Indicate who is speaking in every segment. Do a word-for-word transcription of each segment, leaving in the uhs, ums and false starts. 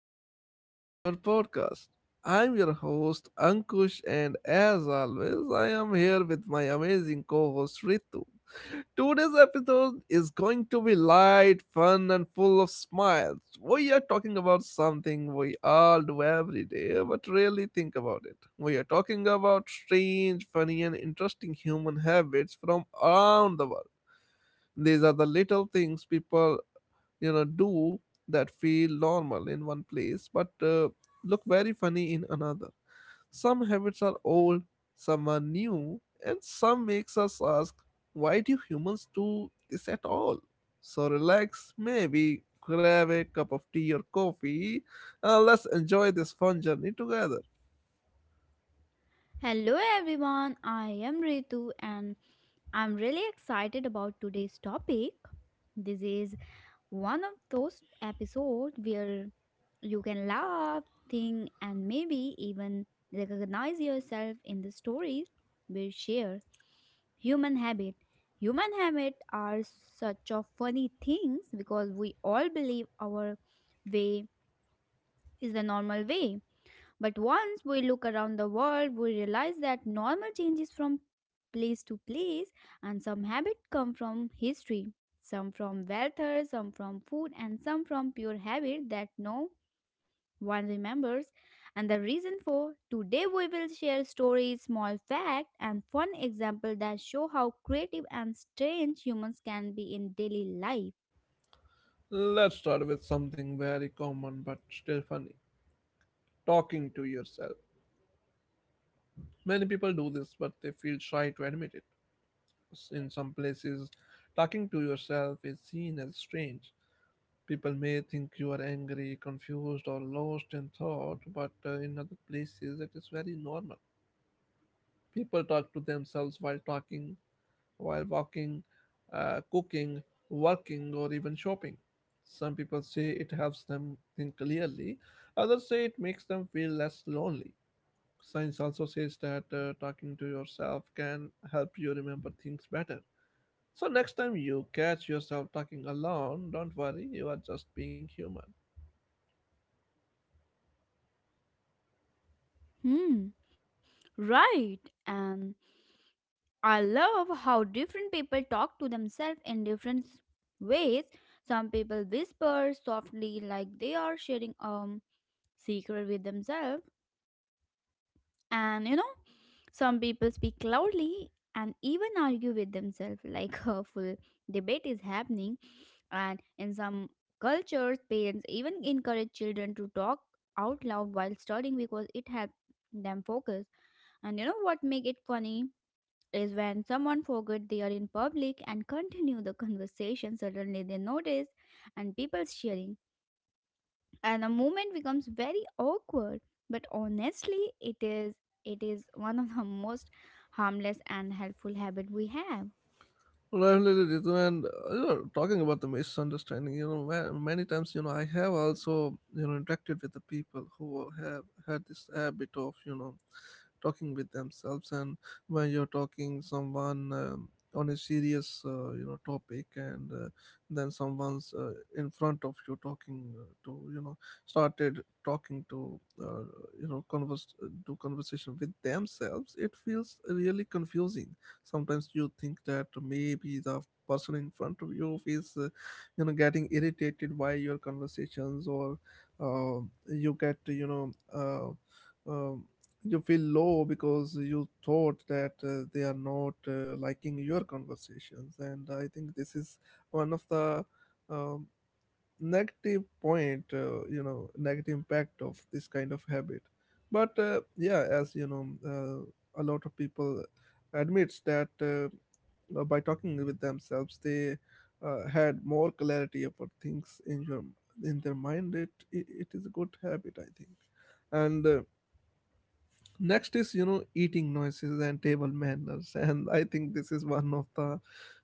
Speaker 1: and welcome back to our podcast. I'm your host, Ankush, and as always, I am here with my amazing co host, Ritu. Today's episode is going to be light, fun, and full of smiles. We are talking about something we all do every day, but really think about it. We are talking about strange, funny, and interesting human habits from around the world. These are the little things people you know do that feel normal in one place but uh, look very funny in another. Some habits are old, some are new, and some makes us ask, why do humans do this at all? So relax, maybe grab a cup of tea or coffee, and let's enjoy this fun journey together.
Speaker 2: Hello everyone, I am Ritu and I'm really excited about today's topic. This is one of those episodes where you can laugh, think, and maybe even recognize yourself in the stories we share. Human habit. Human habit are such a funny things because we all believe our way is the normal way but once we look around the world, we realize that normal changes from place to place, and some habits come from history, some from weather, some from food, and some from pure habit that no one remembers. And the reason for today, we will share stories, small facts, and fun examples that show how creative and strange humans can be in daily life.
Speaker 1: Let's start with something very common but still funny: talking to yourself. Many people do this, but they feel shy to admit it. S- In some places, talking to yourself is seen as strange. People may think you are angry, confused, or lost in thought, but uh, in other places, it is very normal. People talk to themselves while talking, while walking, uh, cooking, working, or even shopping. Some people say it helps them think clearly, others say it makes them feel less lonely. Science also says that uh, talking to yourself can help you remember things better. So, next time you catch yourself talking alone, don't worry, you are just being human.
Speaker 2: Hmm, right. And I love how different people talk to themselves in different s- ways. Some people whisper softly like they are sharing a secret with themselves, and you know, some people speak loudly and even argue with themselves like a full debate is happening. And in some cultures, parents even encourage children to talk out loud while studying because it helps them focus. And you know what make it funny? Is when someone forget they are in public and continue the conversation, suddenly they notice and people cheering and the moment becomes very awkward but honestly it is it is one of the most harmless and helpful habit we have.
Speaker 1: Definitely, Ritu, and uh, you know, talking about the misunderstanding, you know, ma- many times, you know, I have also, you know, interacted with the people who have had this habit of, you know, talking with themselves, and when you're talking someone um, on a serious, uh, you know, topic, and uh, then someone's uh, in front of you talking uh, to, you know, started talking to, uh, you know, converse, do conversation with themselves, it feels really confusing. Sometimes you think that maybe the person in front of you is uh, you know, getting irritated by your conversations, or uh, you get you know uh, um you feel low because you thought that uh, they are not uh, liking your conversations. And I think this is one of the um, negative point, uh, you know, negative impact of this kind of habit. But uh, yeah, as you know, uh, a lot of people admits that uh, uh, by talking with themselves they uh, had more clarity about things
Speaker 2: Hmm.
Speaker 1: in your in their mind. It, it it is a good habit, I think. And uh, next is, you know, eating noises and table manners and I think this is one of the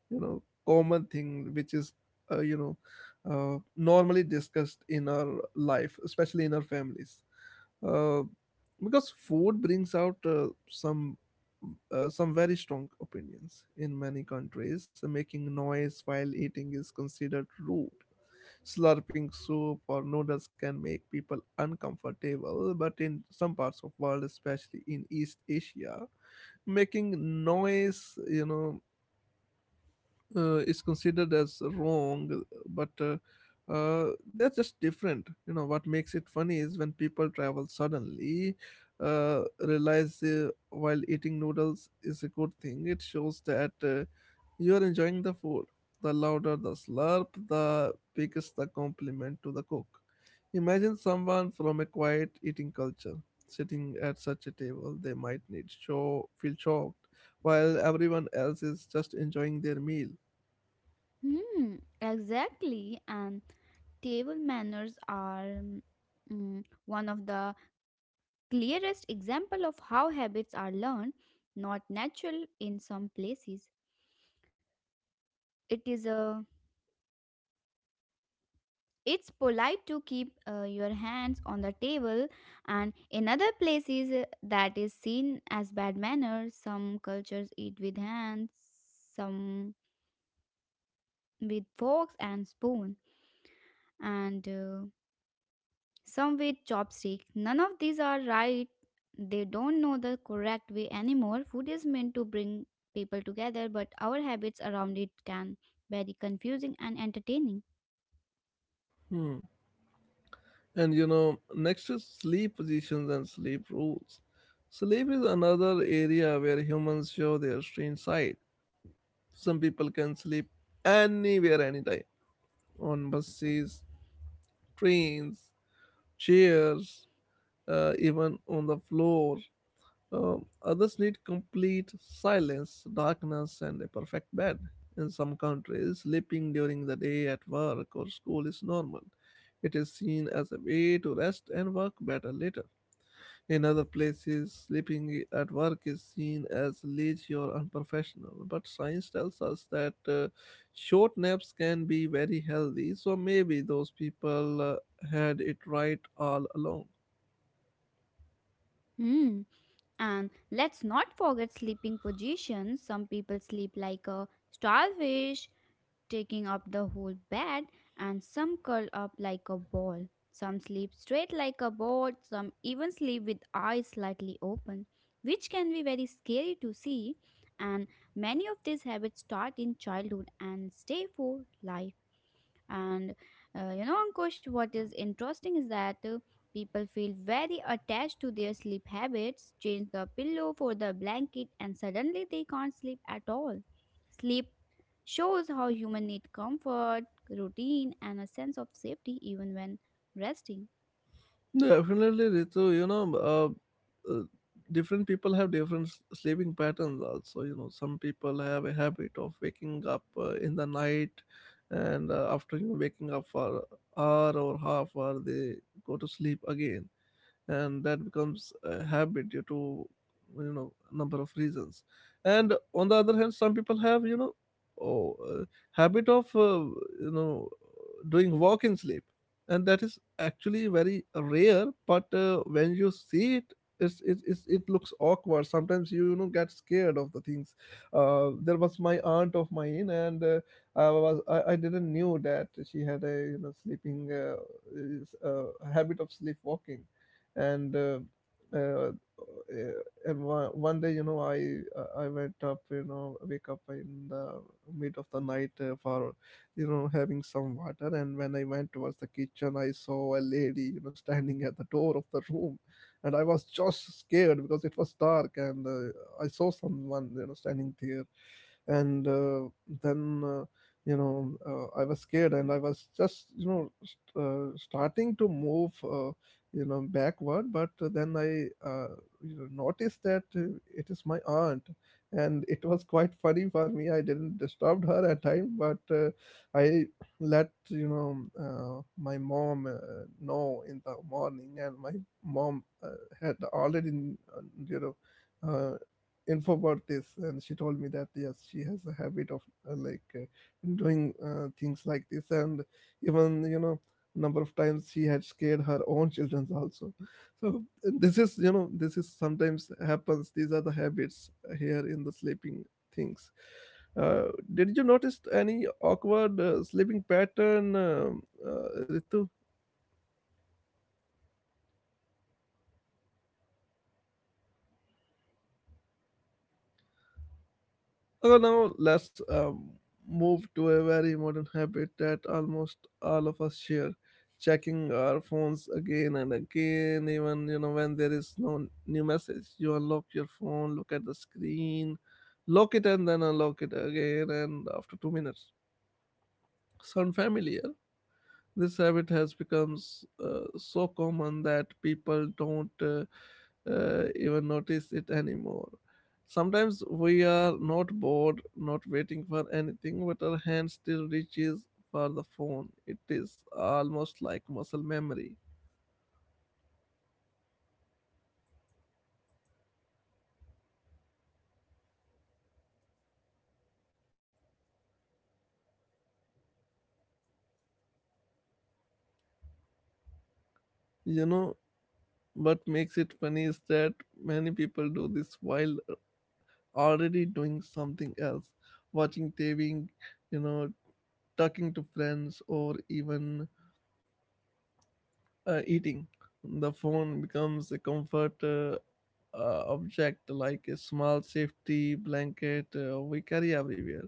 Speaker 1: you know common thing which is uh, you know uh, normally discussed in our life, especially in our families, uh, because food brings out uh, some uh, some very strong opinions. In many countries, making noise while eating is considered rude. Slurping soup or noodles can make people uncomfortable, but in some parts of world, especially in East Asia, making noise, you know, uh, is considered as wrong, but uh, uh, they're just different. You know, what makes it funny is when people travel, suddenly uh, realize uh, while eating noodles is a good thing. It shows that uh, you are enjoying the food. The louder the slurp, the biggest the compliment to the cook. Imagine someone from a quiet eating culture sitting at such a table, they might need show feel shocked while everyone else is just enjoying their meal.
Speaker 2: Hmm, exactly. And table manners are mm, one of the clearest example of how habits are learned, not natural. In some places it is a, it's polite to keep uh, your hands on the table, and in other places uh, that is seen as bad manners. Some cultures eat with hands, some with forks and spoon, and uh, some with chopstick. None of these are right. They don't know the correct way anymore. Food is meant to bring people together, but our habits around it can very confusing and entertaining.
Speaker 1: Hmm. And you know, next is sleep positions and sleep rules. Sleep is another area where humans show their strange side. Some people can sleep anywhere, anytime, on buses, trains, chairs, uh, even on the floor. Um, others need complete silence, darkness, and a perfect bed. In some countries, sleeping during the day at work or school is normal. It is seen as a way to rest and work better later. In other places, sleeping at work is seen as lazy or unprofessional, but science tells us that uh, short naps can be very healthy, so maybe those people uh, had it right all along.
Speaker 2: Hmm. And let's not forget sleeping positions. Some people sleep like a starfish, taking up the whole bed, and some curl up like a ball. Some sleep straight like a board, some even sleep with eyes slightly open, which can be very scary to see. And many of these habits start in childhood and stay for life. And uh, you know, Ankush, what is interesting is that uh, people feel very attached to their sleep habits, change the pillow for the blanket, and suddenly they can't sleep at all. Sleep shows how human need comfort, routine, and a sense of safety even when resting.
Speaker 1: Definitely, Ritu, you know, uh, uh, different people have different s- sleeping patterns also. You know, some people have a habit of waking up uh, in the night, and uh, after, you know, waking up for hour or half hour, they go to sleep again, and that becomes a habit due to, you know, number of reasons. And on the other hand, some people have, you know, oh, uh, habit of uh, you know, doing walk in sleep, and that is actually very rare. But uh, when you see it, it's, it, it's, it looks awkward. Sometimes you, you know, get scared of the things. Uh, there was my aunt of mine, and uh, I was I, I didn't knew that she had a, you know, sleeping uh, is, uh, habit of sleepwalking. And uh, uh, uh, and one, one day, you know, i i went up, you know, wake up in the mid of the night uh, for, you know, having some water. And when I went towards the kitchen, I saw a lady, you know, standing at the door of the room, and I was just scared because it was dark. And uh, I saw someone, you know, standing there. And uh, then uh, you know, uh, I was scared, and I was just, you know, st- uh, starting to move uh, you know, backward. But then I uh, you know, noticed that uh, it is my aunt. And it was quite funny for me. I didn't disturb her at time, but uh, I let you know um, uh, my mom uh, know in the morning, and my mom uh, had already uh, you know, uh, info about this. And she told me that yes, she has a habit of uh, like uh, doing uh, things like this, and even, you know, number of times she had scared her own children also. So this is, you know, this is sometimes happens. These are the habits here in the sleeping things. uh, did you notice any awkward uh, sleeping pattern, um uh, Ritu? So now let's um, move to a very modern habit that almost all of us share: checking our phones again and again, even you know when there is no new message. You unlock your phone, look at the screen, lock it, and then unlock it again. And after two minutes, sound familiar? This habit has become s- uh, so common that people don't uh, uh, even notice it anymore. Sometimes we are not bored, not waiting for anything, but our hand still reaches for the phone. It is almost like muscle memory. You know, what makes it funny is that many people do this while already doing something else, watching T V, you know, talking to friends, or even uh, eating. The phone becomes a comfort. Uh, uh, object like a small safety blanket uh, we carry everywhere.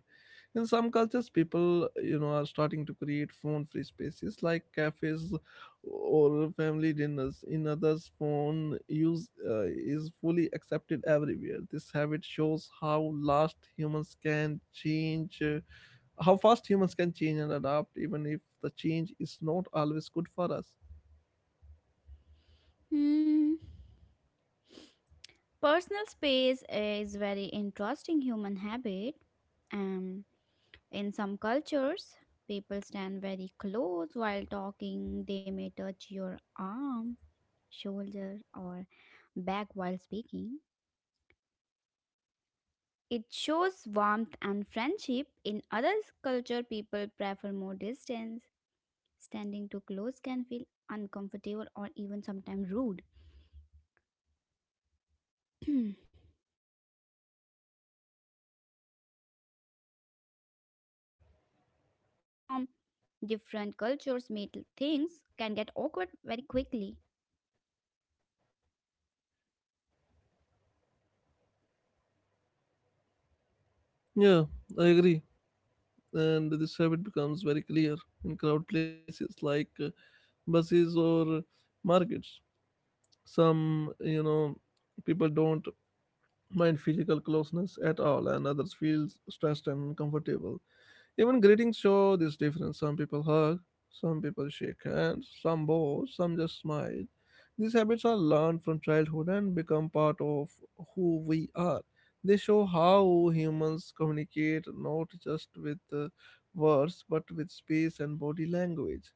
Speaker 1: In some cultures, people you know are starting to create phone-free spaces like cafes or family dinners. In others, phone use uh, is fully accepted everywhere. This habit shows how last humans can change, uh, how fast humans can change and adapt, even if the change is not always good for us.
Speaker 2: Hmm. Personal space is very interesting human habit. Um, In some cultures, people stand very close while talking. They may touch your arm, shoulder, or back while speaking. It shows warmth and friendship. In other culture, people prefer more distance. Standing too close can feel uncomfortable or even sometimes rude. Neither side is wrong, but when people from different cultures meet, things can get awkward very quickly.
Speaker 1: Yeah, I agree. And this habit becomes very clear in crowded places like uh, buses or markets. Some, you know, people don't mind physical closeness at all, and others feel stressed and uncomfortable. Even greetings show this difference. Some people hug, some people shake hands, some bow, some just smile. These habits are learned from childhood and become part of who we are. They show how humans communicate not just with uh, words but with space and body language.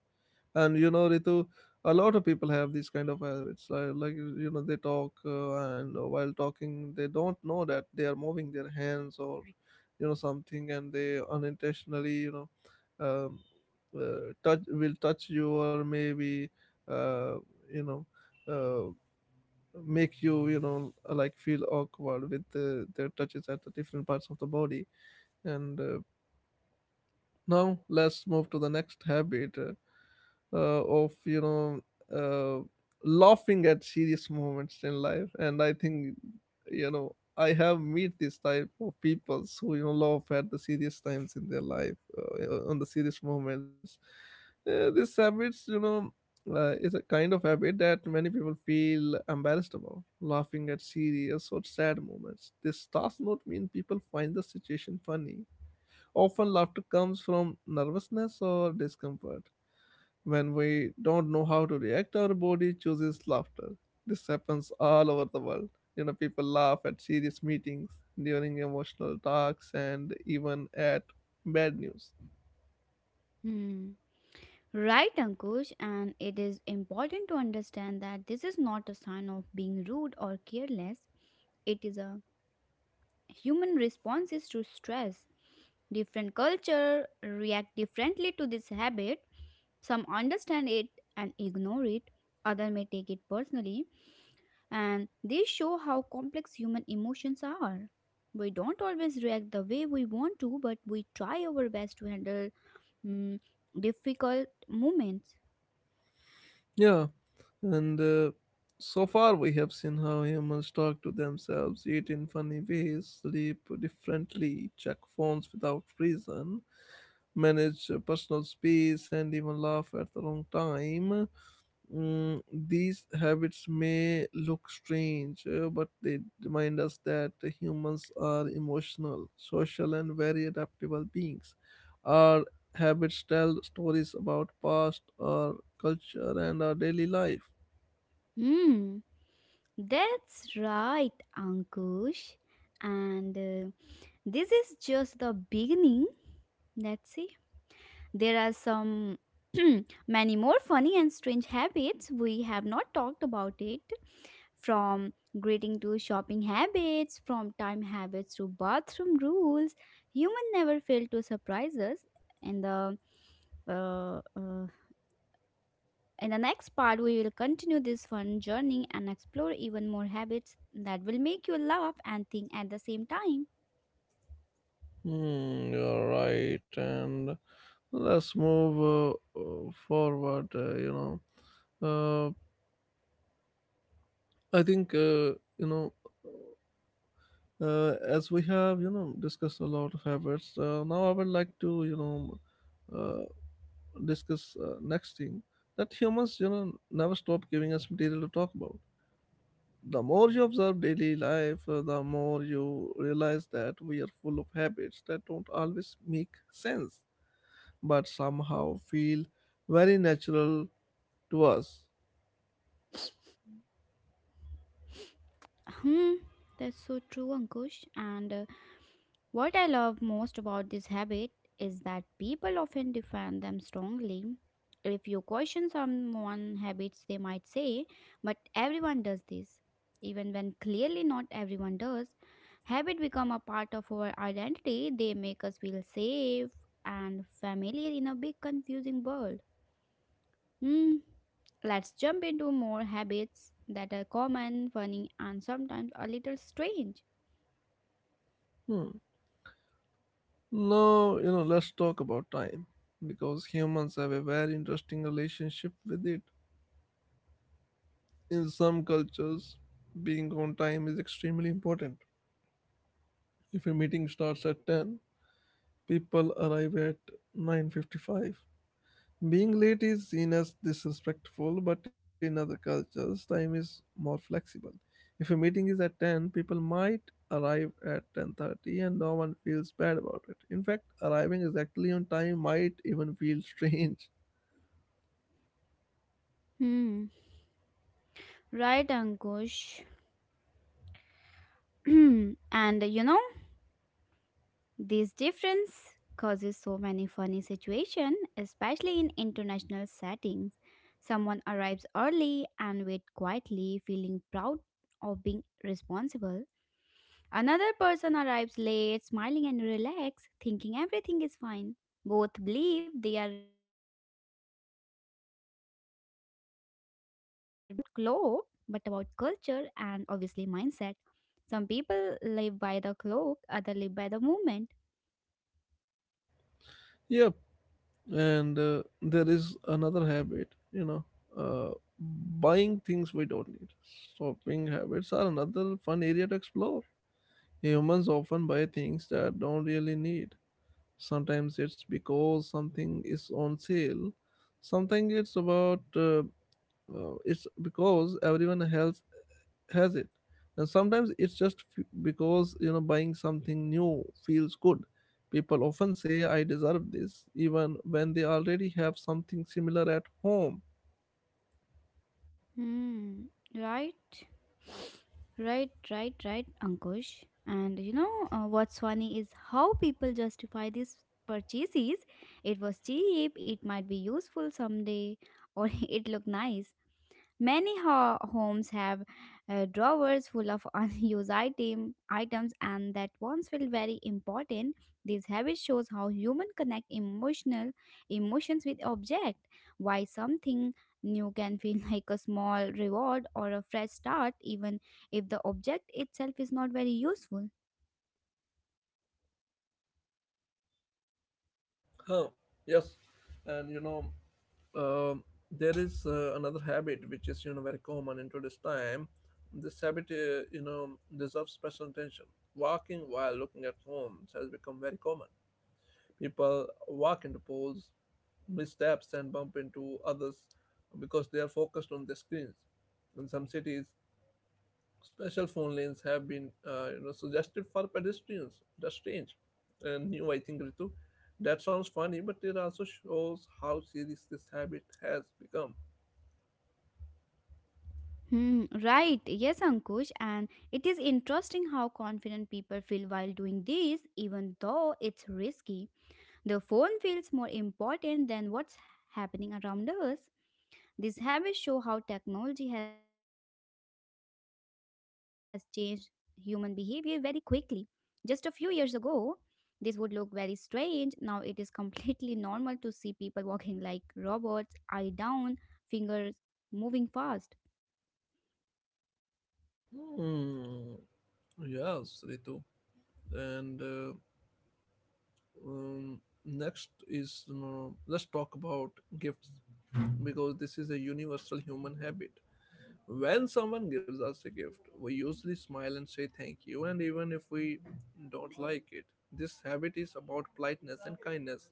Speaker 1: And you know, Ritu, a lot of people have these kind of habits. Like, like you know, they talk, uh, and while talking, they don't know that they are moving their hands, or you know, something, and they unintentionally, you know, um, uh, touch will touch you, or maybe, uh, you know, uh, make you, you know, like feel awkward with the, their touches at the different parts of the body. And uh, now let's move to the next habit uh, uh, of, you know, uh, laughing at serious moments in life. And I think, you know, I have meet this type of people who, you know, laugh at the serious times in their life, uh, uh, on the serious moments. Uh, this habits, you know, uh, is a kind of habit that many people feel embarrassed about. Laughing at serious or sad moments, this does not mean people find the situation funny. Often laughter comes from nervousness or discomfort. When we don't know how to react, our body chooses laughter. This happens all over the world. You know, people laugh at serious meetings, during emotional talks, and even at bad news.
Speaker 2: Hmm. Right, Ankush, and it is important to understand that this is not a sign of being rude or careless. It is a human responses to stress. Different culture react differently to this habit. Some understand it and ignore it. Other may take it personally, and these show how complex human emotions are. We don't always react the way we want to, but we try our best to handle mm, difficult moments.
Speaker 1: Yeah, and uh, so far we have seen how humans talk to themselves, eat in funny ways, sleep differently, check phones without reason, manage uh, personal space, and even laugh at the wrong time. Mm, these habits may look strange, uh, but they remind us that humans are emotional, social, and very adaptable beings. Our habits tell stories about past, our culture, and our daily life.
Speaker 2: Hmm, that's right, Ankush. And uh, this is just the beginning. Let's see. There are some many more funny and strange habits we have not talked about it, from greeting to shopping habits, from time habits to bathroom rules. Human never fail to surprise us in the uh, uh, in the next part, we will continue this fun journey and explore even more habits that will make you laugh and think at the same time.
Speaker 1: Hmm, you're right. And let's move uh, uh, forward. Uh, you know, uh, I think uh, you know. uh, as we have you know discussed a lot of habits uh, now I would like to you know uh, discuss uh, next thing that humans you know never stop giving us material to talk about. The more you observe daily life, uh, the more you realize that we are full of habits that don't always make sense but somehow feel very natural to us.
Speaker 2: Hmm, that's so true, Ankush. And uh, what I love most about this habit is that people often defend them strongly. If you question someone habits, they might say, but everyone does this. Even when clearly not everyone does, habit become a part of our identity. They make us feel safe and familiar in a big confusing world. Hmm. Let's jump into more habits that are common, funny, and sometimes a little strange.
Speaker 1: hmm. Now, you know, let's talk about time because humans have a very interesting relationship with it. In some cultures, being on time is extremely important. If a meeting starts at ten, people arrive at nine fifty-five. Being late is seen as disrespectful, but in other cultures, time is more flexible. If a meeting is at ten, people might arrive at ten thirty and no one feels bad about it. In fact, arriving exactly on time might even feel strange.
Speaker 2: Hmm. Right, Ankush. And uh, you know, this difference causes so many funny situations, especially in international settings. Someone arrives early and waits quietly, feeling proud of being responsible. Another person arrives late, smiling and relaxed, thinking everything is fine. So, how time is not just about clothes, but about culture and obviously mindset. Some people live by the clock, others live by the moment.
Speaker 1: Yep, and uh, there is another habit, you know, uh, buying things we don't need. Shopping habits are another fun area to explore. Humans often buy things that don't really need. Sometimes it's because something is on sale. Sometimes it's about uh, uh, it's because everyone else has it, and sometimes it's just f- because you know buying something new feels good. People often say I deserve this even when they already have something similar at home.
Speaker 2: Hmm. Right. Right, right, right, Ankush. And you know uh, what's funny is how people justify these purchases. It was cheap, it might be useful someday, or it looked nice. Many ho- homes have uh, drawers full of unused item, items, and that once felt very important. This habit shows how humans connect emotional emotions with object. Why something new can feel like a small reward or a fresh start, even if the object itself is not very useful.
Speaker 1: huh. Yes, and you know, um, there is uh, another habit which is you know very common into this time. This habit, uh, you know, deserves special attention. Walking while looking at homes has become very common. People walk into pools, missteps, and bump into others because they are focused on the screens. In some cities, special phone lanes have been uh, you know, suggested for pedestrians. That's strange and new, I think, Ritu. That sounds funny, but it also shows how serious this habit has become.
Speaker 2: Hmm, right. Yes, Ankush. And it is interesting how confident people feel while doing this, even though it's risky. The phone feels more important than what's happening around us. These habits show how technology has changed human behavior very quickly. Just a few years ago, this would look very strange. Now it is completely normal to see people walking like robots, eye down, fingers moving fast.
Speaker 1: Hmm. Yes, Ritu. And uh, um, Next is you know, let's talk about gifts because this is a universal human habit. When someone gives us a gift, we usually smile and say thank you, and even if we don't like it, this habit is about politeness and kindness.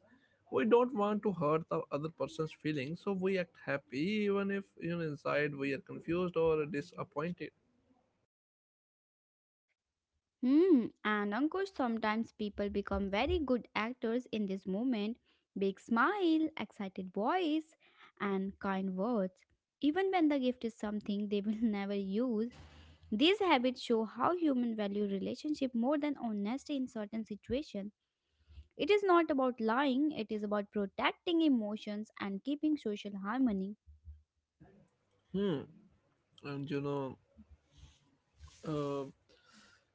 Speaker 1: We don't want to hurt the other person's feelings, so we act happy even if you know, inside we are confused or disappointed.
Speaker 2: Hmm, and Ankush, sometimes people become very good actors in this moment. Big smile, excited voice, and kind words. Even when the gift is something they will never use, these habits show how human value relationship more than honesty in certain situations. It is not about lying, it is about protecting emotions and keeping social harmony.
Speaker 1: Hmm. And you know, uh,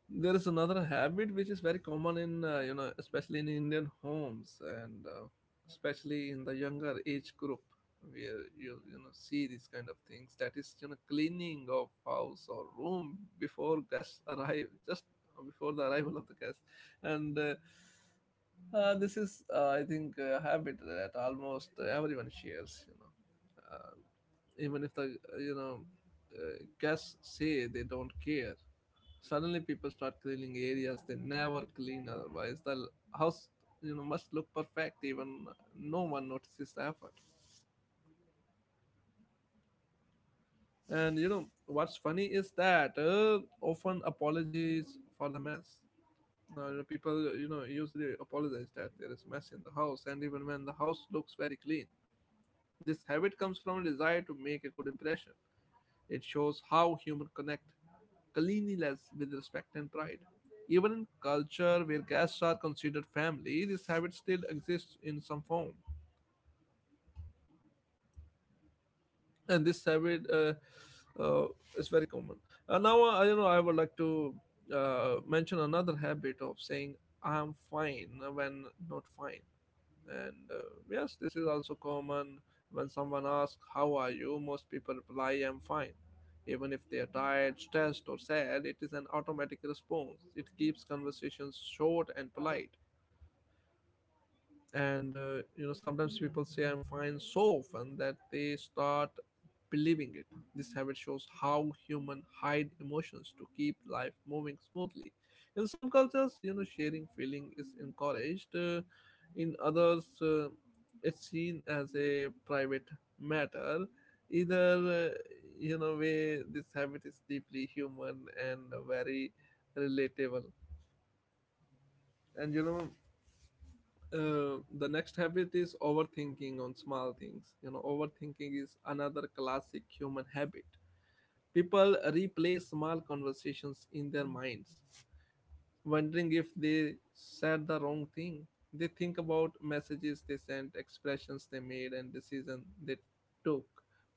Speaker 1: there is another habit which is very common in uh, you know especially in Indian homes and uh, especially in the younger age group, where you you know see these kind of things, that is you know cleaning of house or room before guests arrive, just before the arrival of the guests, and uh, uh, this is uh, I think a habit that almost everyone shares you know, uh, even if the uh, you know uh, guests say they don't care. Suddenly, people start cleaning areas they never clean otherwise. The l- house, you know, must look perfect even no one notices the effort. And you know what's funny is that uh, often apologies for the mess. Uh, you know, people, you know, usually apologize that there is mess in the house, and even when the house looks very clean, this habit comes from a desire to make a good impression. It shows how humans connect cleanliness with respect and pride. Even in culture where guests are considered family, this habit still exists in some form, and this habit uh, uh, is very common. Uh, now, uh, you know, I would like to uh, mention another habit of saying "I'm fine" when not fine. And uh, Yes, this is also common. When someone asks, How are you? Most people reply, I'm fine. Even if they are tired, stressed, or sad, it is an automatic response. It keeps conversations short and polite, and uh, you know sometimes people say I'm fine so often that they start believing it. This habit shows how human hide emotions to keep life moving smoothly. In some cultures you know sharing feeling is encouraged, uh, in others uh, it's seen as a private matter. Either uh, you know way, this habit is deeply human and very relatable. And you know, uh, the next habit is overthinking on small things. You know, overthinking is another classic human habit. People replay small conversations in their minds, wondering if they said the wrong thing. They think about messages they sent, expressions they made, and decisions they took.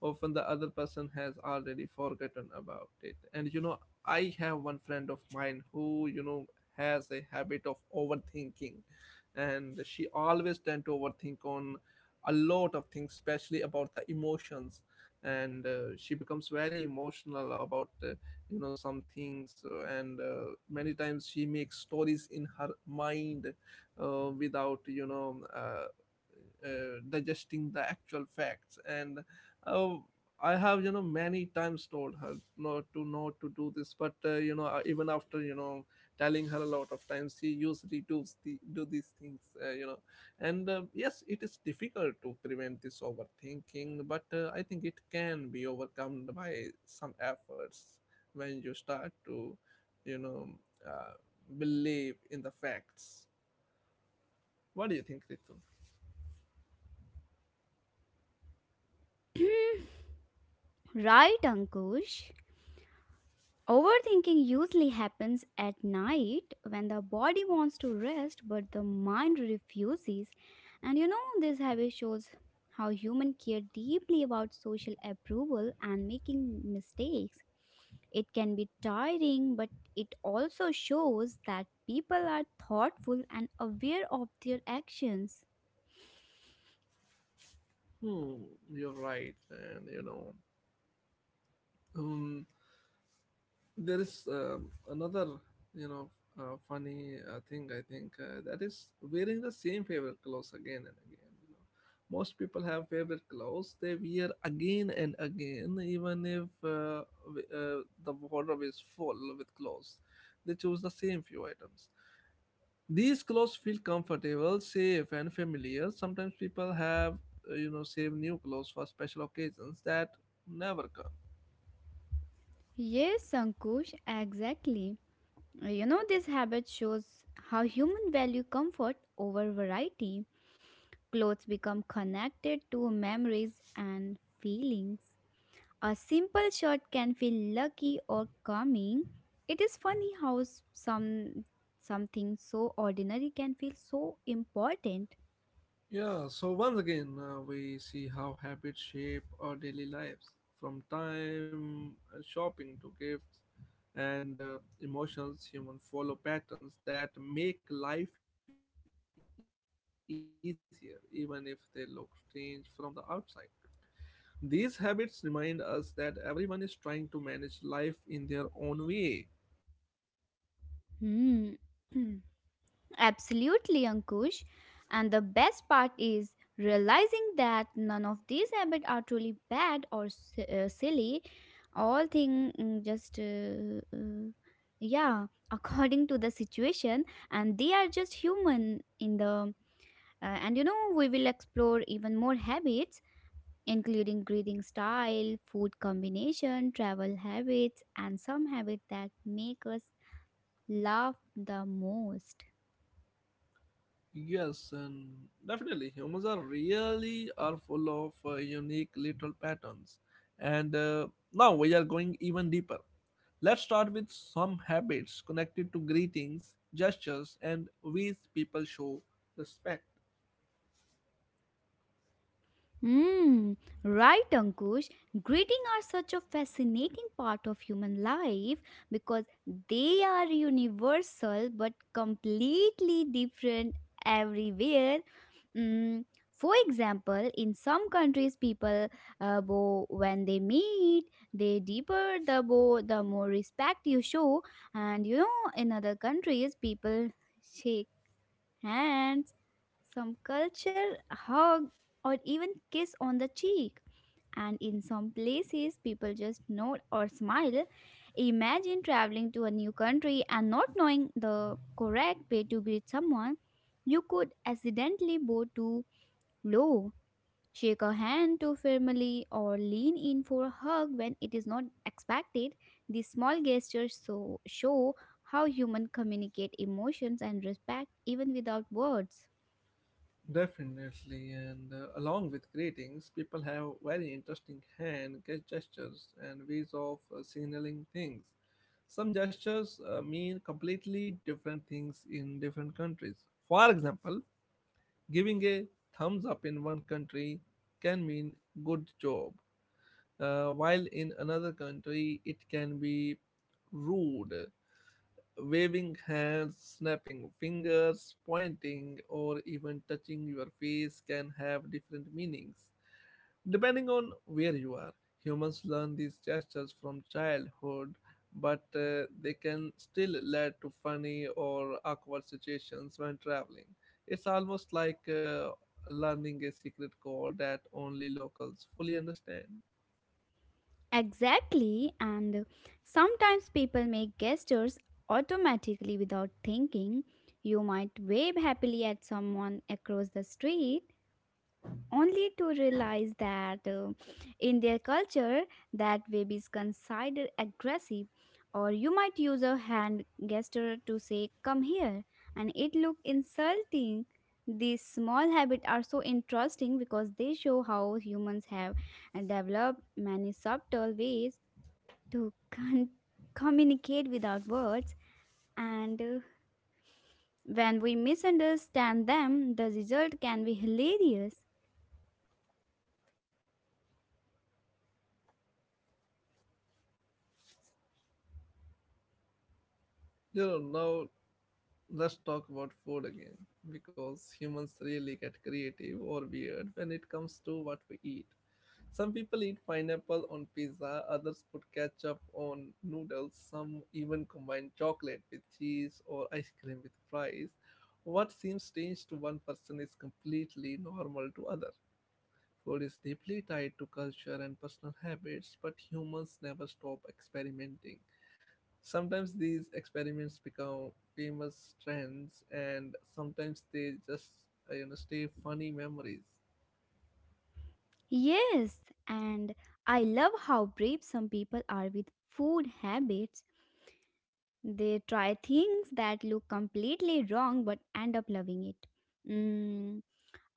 Speaker 1: Often the other person has already forgotten about it. And you know, I have one friend of mine who, you know, has a habit of overthinking, and she always tend to overthink on a lot of things, especially about the emotions. And uh, she becomes very emotional about uh, you know some things, uh, and uh, many times she makes stories in her mind uh, without you know uh, uh, digesting the actual facts. And uh, I have you know many times told her not to not to do this, but uh, you know uh, even after you know telling her a lot of times she usually does the, do these things, uh, you know. And uh, yes, it is difficult to prevent this overthinking, but uh, I think it can be overcome by some efforts, when you start to, you know, uh, believe in the facts. What do you think, Ritu?
Speaker 2: Right, Ankush? Overthinking usually happens at night when the body wants to rest but the mind refuses. And you know, this habit shows how humans care deeply about social approval and making mistakes. It can be tiring, but it also shows that people are thoughtful and aware of their actions.
Speaker 1: Hmm, you're right, and you know, um, there is um, another, you know, uh, funny uh, thing I think uh, that is wearing the same favorite clothes again and again. You know, most people have favorite clothes they wear again and again, even if uh, w- uh, the wardrobe is full with clothes. They choose the same few items. These clothes feel comfortable, safe, and familiar. Sometimes people have, uh, you know, save new clothes for special occasions that never come.
Speaker 2: Yes, Sankush, exactly. You know, this habit shows how human value comfort over variety. Clothes become connected to memories and feelings. A simple shirt can feel lucky or calming. It is funny how s- some something so ordinary can feel so important.
Speaker 1: Yeah, so once again, uh, we see how habits shape our daily lives, from time, uh, shopping to gifts, and uh, emotions. Humans follow patterns that make life easier, even if they look strange from the outside. These habits remind us that everyone is trying to manage life in their own way.
Speaker 2: Hmm. Absolutely, Ankush. And the best part is realizing that none of these habits are truly bad or s- uh, silly. All thing mm, just uh, uh, yeah, according to the situation, and they are just human in the. Uh, and you know, we will explore even more habits, including breathing style, food combination, travel habits, and some habits that make us laugh the most.
Speaker 1: Yes, and definitely humans are really are full of uh, unique little patterns. And uh, now we are going even deeper. Let's start with some habits connected to greetings, gestures, and ways people show respect.
Speaker 2: Hmm, right, Ankush. Greetings are such a fascinating part of human life because they are universal but completely different everywhere. Mm, for example, in some countries, people uh, bow when they meet. The deeper the bow, the more respect you show. And you know, in other countries, people shake hands, some culture hug or even kiss on the cheek. And in some places, people just nod or smile. Imagine traveling to a new country and not knowing the correct way to greet someone. You could accidentally bow too low, shake a hand too firmly, or lean in for a hug when it is not expected. These small gestures so show how humans communicate emotions and respect even without words.
Speaker 1: Definitely, and uh, along with greetings, people have very interesting hand ge- gestures and ways of uh, signaling things. Some gestures uh, mean completely different things in different countries. For example, giving a thumbs up in one country can mean good job, uh, while in another country it can be rude. Waving hands, snapping fingers, pointing, or even touching your face can have different meanings depending on where you are. Humans learn these gestures from childhood, but uh, they can still lead to funny or awkward situations when traveling. It's almost like uh, learning a secret code that only locals fully understand.
Speaker 2: Exactly, and sometimes people make gestures automatically without thinking. You might wave happily at someone across the street only to realize that uh, in their culture that wave is considered aggressive, or you might use a hand gesture to say come here and it look insulting. These small habits are so interesting because they show how humans have uh, developed many subtle ways to con- communicate without words, and uh, when we misunderstand them, the result can be hilarious.
Speaker 1: You know, now let's talk about food again, because humans really get creative or weird when it comes to what we eat. Some people eat pineapple on pizza, others put ketchup on noodles, some even combine chocolate with cheese or ice cream with fries. What seems strange to one person is completely normal to other. Food is deeply tied to culture and personal habits, but humans never stop experimenting. Sometimes these experiments become famous trends, and sometimes they just uh, you know stay funny memories.
Speaker 2: Yes, and I love how brave some people are with food habits. They try things that look completely wrong but end up loving it. Mm,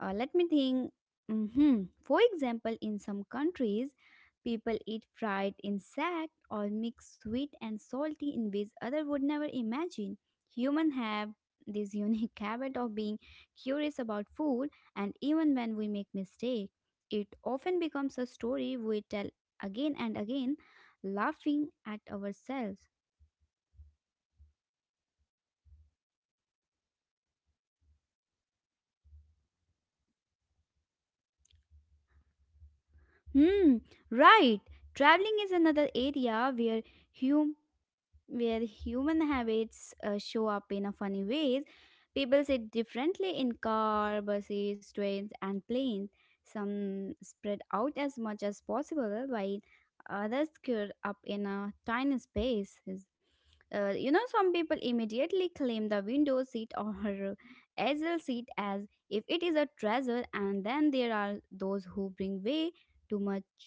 Speaker 2: uh, let me think. Hmm, for example, in some countries, people eat fried insect or mix sweet and salty in ways other would never imagine. Humans have this unique habit of being curious about food, and even when we make mistake, it often becomes a story we tell again and again, laughing at ourselves. Hmm, right. Traveling is another area where where human habits uh, show up in a funny ways. People sit differently in car, buses, trains, and planes. Some spread out as much as possible, while others curl up in a tiny space. Is- Uh, you know, some people immediately claim the window seat or aisle seat as if it is a treasure, and then there are those who bring way too much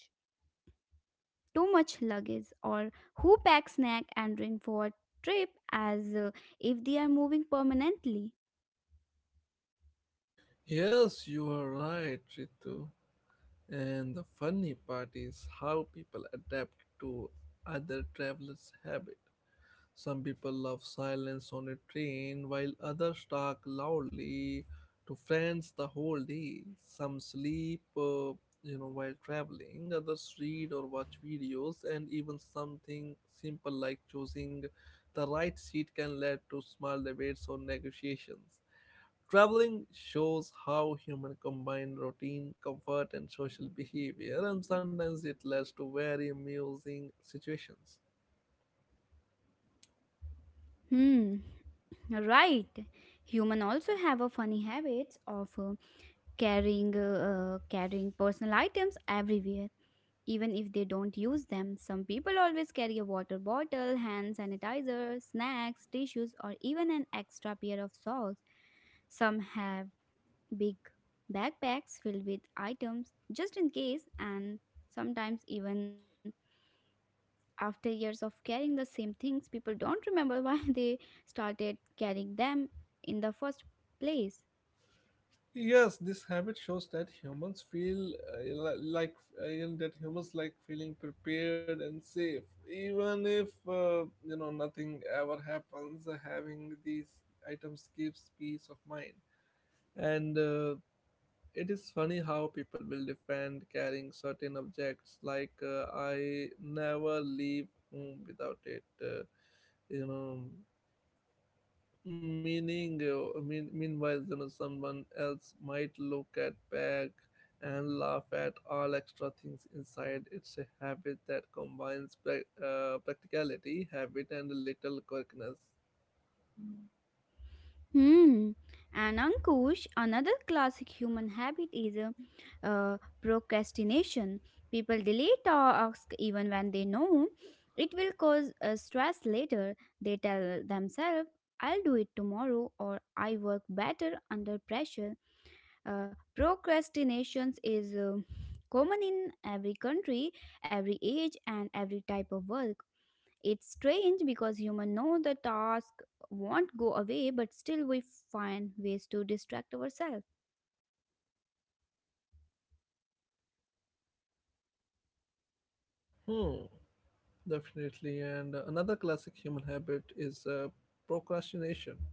Speaker 2: too much luggage, or who pack snack and drink for a trip as uh, if they are moving permanently.
Speaker 1: Yes, you are right, Ritu. And the funny part is how people adapt to other travelers' habits. Some people love silence on a train, while others talk loudly to friends the whole day. Some sleep, uh, you know, while traveling. Others read or watch videos, and even something simple like choosing the right seat can lead to small debates or negotiations. Traveling shows how human combine routine, comfort, and social behavior, and sometimes it leads to very amusing situations.
Speaker 2: Hmm, right. Human also have a funny habits of uh, carrying uh, uh, carrying personal items everywhere even if they don't use them. Some people always carry a water bottle, hand sanitizer, snacks, tissues, or even an extra pair of socks. Some have big backpacks filled with items just in case, and sometimes even after years of carrying the same things, people don't remember why they started carrying them in the first place.
Speaker 1: Yes, this habit shows that humans feel uh, li- like uh, you know, that humans like feeling prepared and safe, even if uh, you know nothing ever happens. Having these items gives peace of mind, and uh, it is funny how people will defend carrying certain objects. Like uh, I never leave home without it. Uh, you know, meaning uh, mean, meanwhile you know someone else might look at bag and laugh at all extra things inside it's a habit that combines prac- uh, practicality habit and a little quirkiness.
Speaker 2: Hmm. And Ankush, another classic human habit is uh, uh, procrastination. People delay tasks even when they know it will cause uh, stress later. They tell themselves, I'll do it tomorrow or I work better under pressure. Uh, procrastination is uh, common in every country, every age, and every type of work. It's strange because humans know the task won't go away, but still we find ways to distract ourselves.
Speaker 1: Hmm. Definitely. And another classic human habit is uh, procrastination.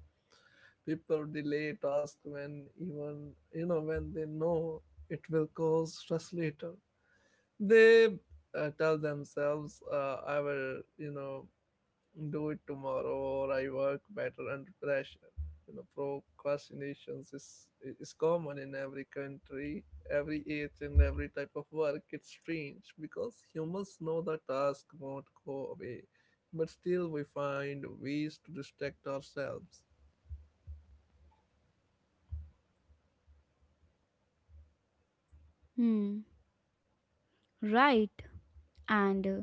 Speaker 1: People delay tasks when even you know when they know it will cause stress later. They uh, tell themselves, uh, I will, you know do it tomorrow, or I work better under pressure. You know, procrastinations is is common in every country, every age, and every type of work. It's strange because humans know the task won't go away, but still we find ways to distract ourselves.
Speaker 2: Hmm. Right. And uh,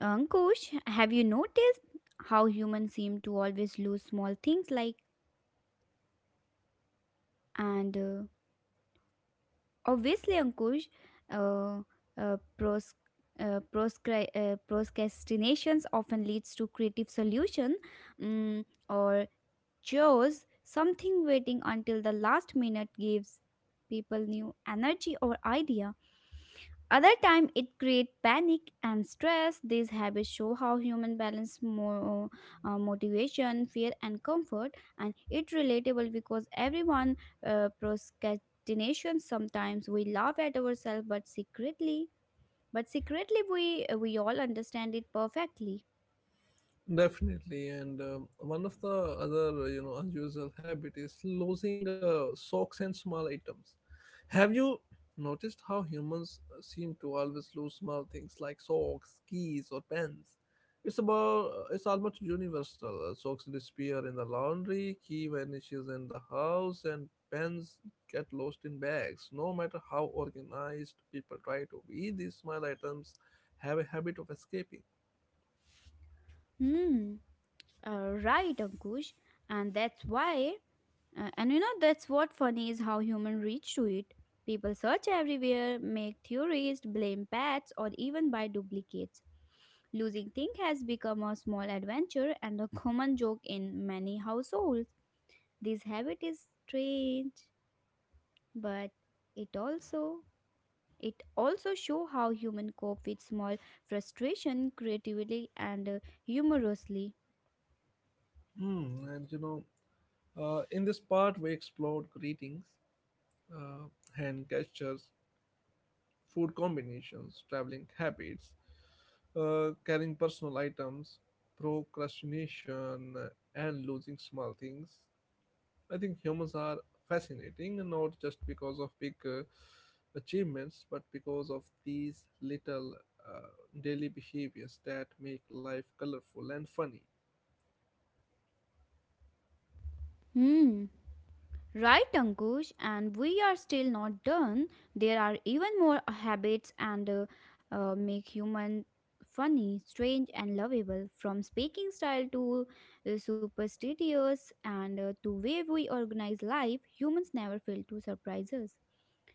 Speaker 2: Ankush, have you noticed how humans seem to always lose small things like and uh, obviously Ankush, uh, uh, pros- uh, proscri- uh, procrastinations often leads to creative solution, mm, or chores, something waiting until the last minute gives people new energy or idea. Other time it create panic and stress. These habits show how human balance more uh, uh, motivation, fear, and comfort, and it relatable because everyone uh, procrastination. Sometimes we laugh at ourselves, but secretly, but secretly we we all understand it perfectly.
Speaker 1: Definitely. And um, one of the other you know unusual habit is losing uh, socks and small items. Have you noticed how humans uh, seem to always lose small things like socks, keys, or pens? It's about uh, it's almost universal. Uh, Socks disappear in the laundry, key vanishes in the house, and pens get lost in bags. No matter how organized people try to be, these small items have a habit of escaping.
Speaker 2: Hmm. Uh, right, Ankush. And that's why, uh, and you know, that's what funny is how human reach to it. People search everywhere, make theories, blame pets, or even buy duplicates. Losing thing has become a small adventure and a common joke in many households. This habit is strange, but it also it also show how human cope with small frustration creatively and, uh, humorously.
Speaker 1: Hmm. and you know Uh, in this part, we explored greetings, uh, hand gestures, food combinations, traveling habits, uh, carrying personal items, procrastination, and losing small things. I think humans are fascinating, not just because of big uh, achievements, but because of these little uh, daily behaviors that make life colorful and funny.
Speaker 2: Hmm, right, Ankush, and we are still not done. There are even more habits and uh, uh, make human funny, strange, and lovable. From speaking style to uh, superstitious and uh, to way we organize life, humans never fail to surprise us.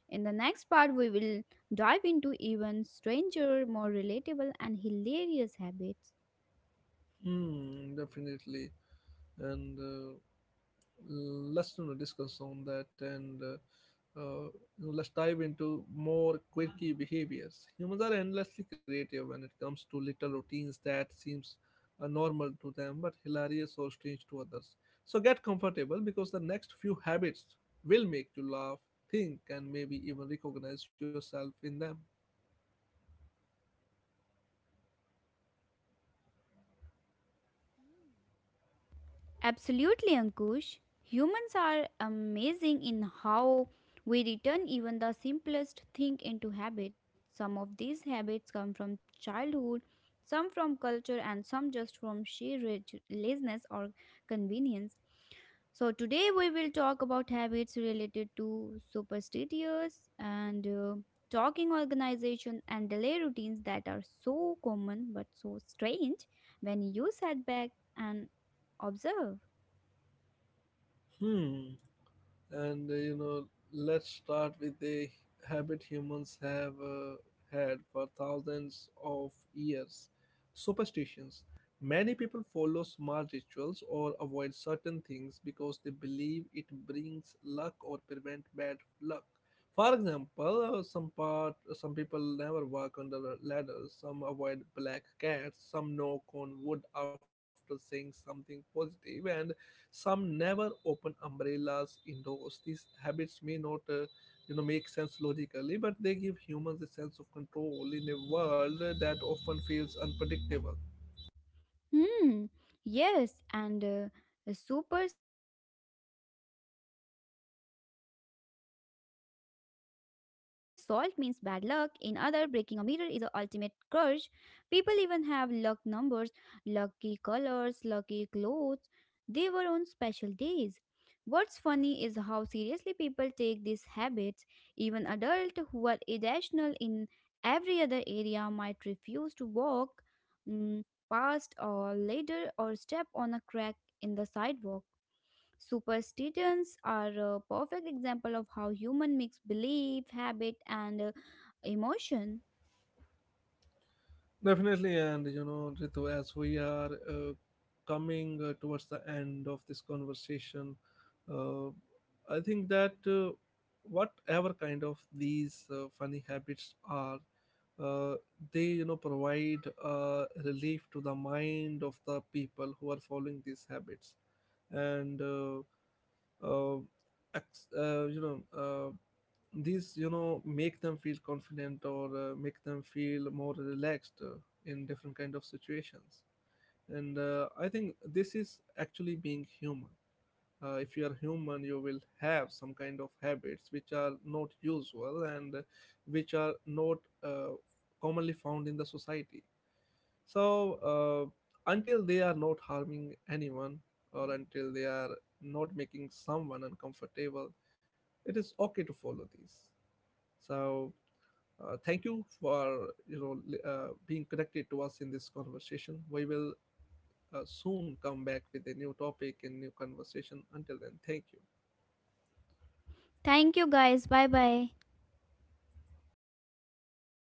Speaker 2: In the next part, we will dive into even stranger, more relatable, and hilarious habits.
Speaker 1: Hmm, definitely. And uh, let's, you know, discuss on that. And uh, uh, you know, let's dive into more quirky behaviors. Humans are endlessly creative when it comes to little routines that seems uh, normal to them but hilarious or strange to others. So get comfortable because the next few habits will make you laugh, think, and maybe even recognize yourself in them.
Speaker 2: Absolutely, Ankush. Humans are amazing in how we return even the simplest thing into habit. Some of these habits come from childhood, some from culture, and some just from sheer rich- laziness or convenience. So, today we will talk about habits related to superstitious and uh, talking organization and daily routines that are so common but so strange when you sit back and observe.
Speaker 1: Hmm. And uh, you know, let's start with a habit humans have uh, had for thousands of years: superstitions. Many people follow small rituals or avoid certain things because they believe it brings luck or prevent bad luck. For example, uh, some part some people never walk under ladders, some avoid black cats, some knock on wood after saying something positive, and some never open umbrellas indoors. These habits may not, uh, you know, make sense logically, but they give humans a sense of control in a world that often feels unpredictable.
Speaker 2: Hmm. Yes, and uh, a super saying salt means bad luck. In other, breaking a mirror is the ultimate curse. People even have luck numbers, lucky colors, lucky clothes. They were on special days. What's funny is how seriously people take these habits. Even adults who are irrational in every other area might refuse to walk, mm, past or later or step on a crack in the sidewalk. Superstitions are a perfect example of how human mix belief, habit and, uh, emotion.
Speaker 1: Definitely. And you know, Ritu, as we are uh, coming uh, towards the end of this conversation, uh, I think that uh, whatever kind of these uh, funny habits are, uh, they you know provide uh, relief to the mind of the people who are following these habits, and uh, uh, ex- uh, you know uh, these you know make them feel confident, or uh, make them feel more relaxed uh, in different kind of situations. And uh, I think this is actually being human. Uh, if you are human you will have some kind of habits which are not usual, and uh, which are not uh, commonly found in the society. So uh, until they are not harming anyone, or until they are not making someone uncomfortable, it is okay to follow these. So uh, thank you for you know li- uh, being connected to us in this conversation. We will uh, soon come back with a new topic and new conversation. Until then, thank you.
Speaker 2: Thank you guys. Bye bye.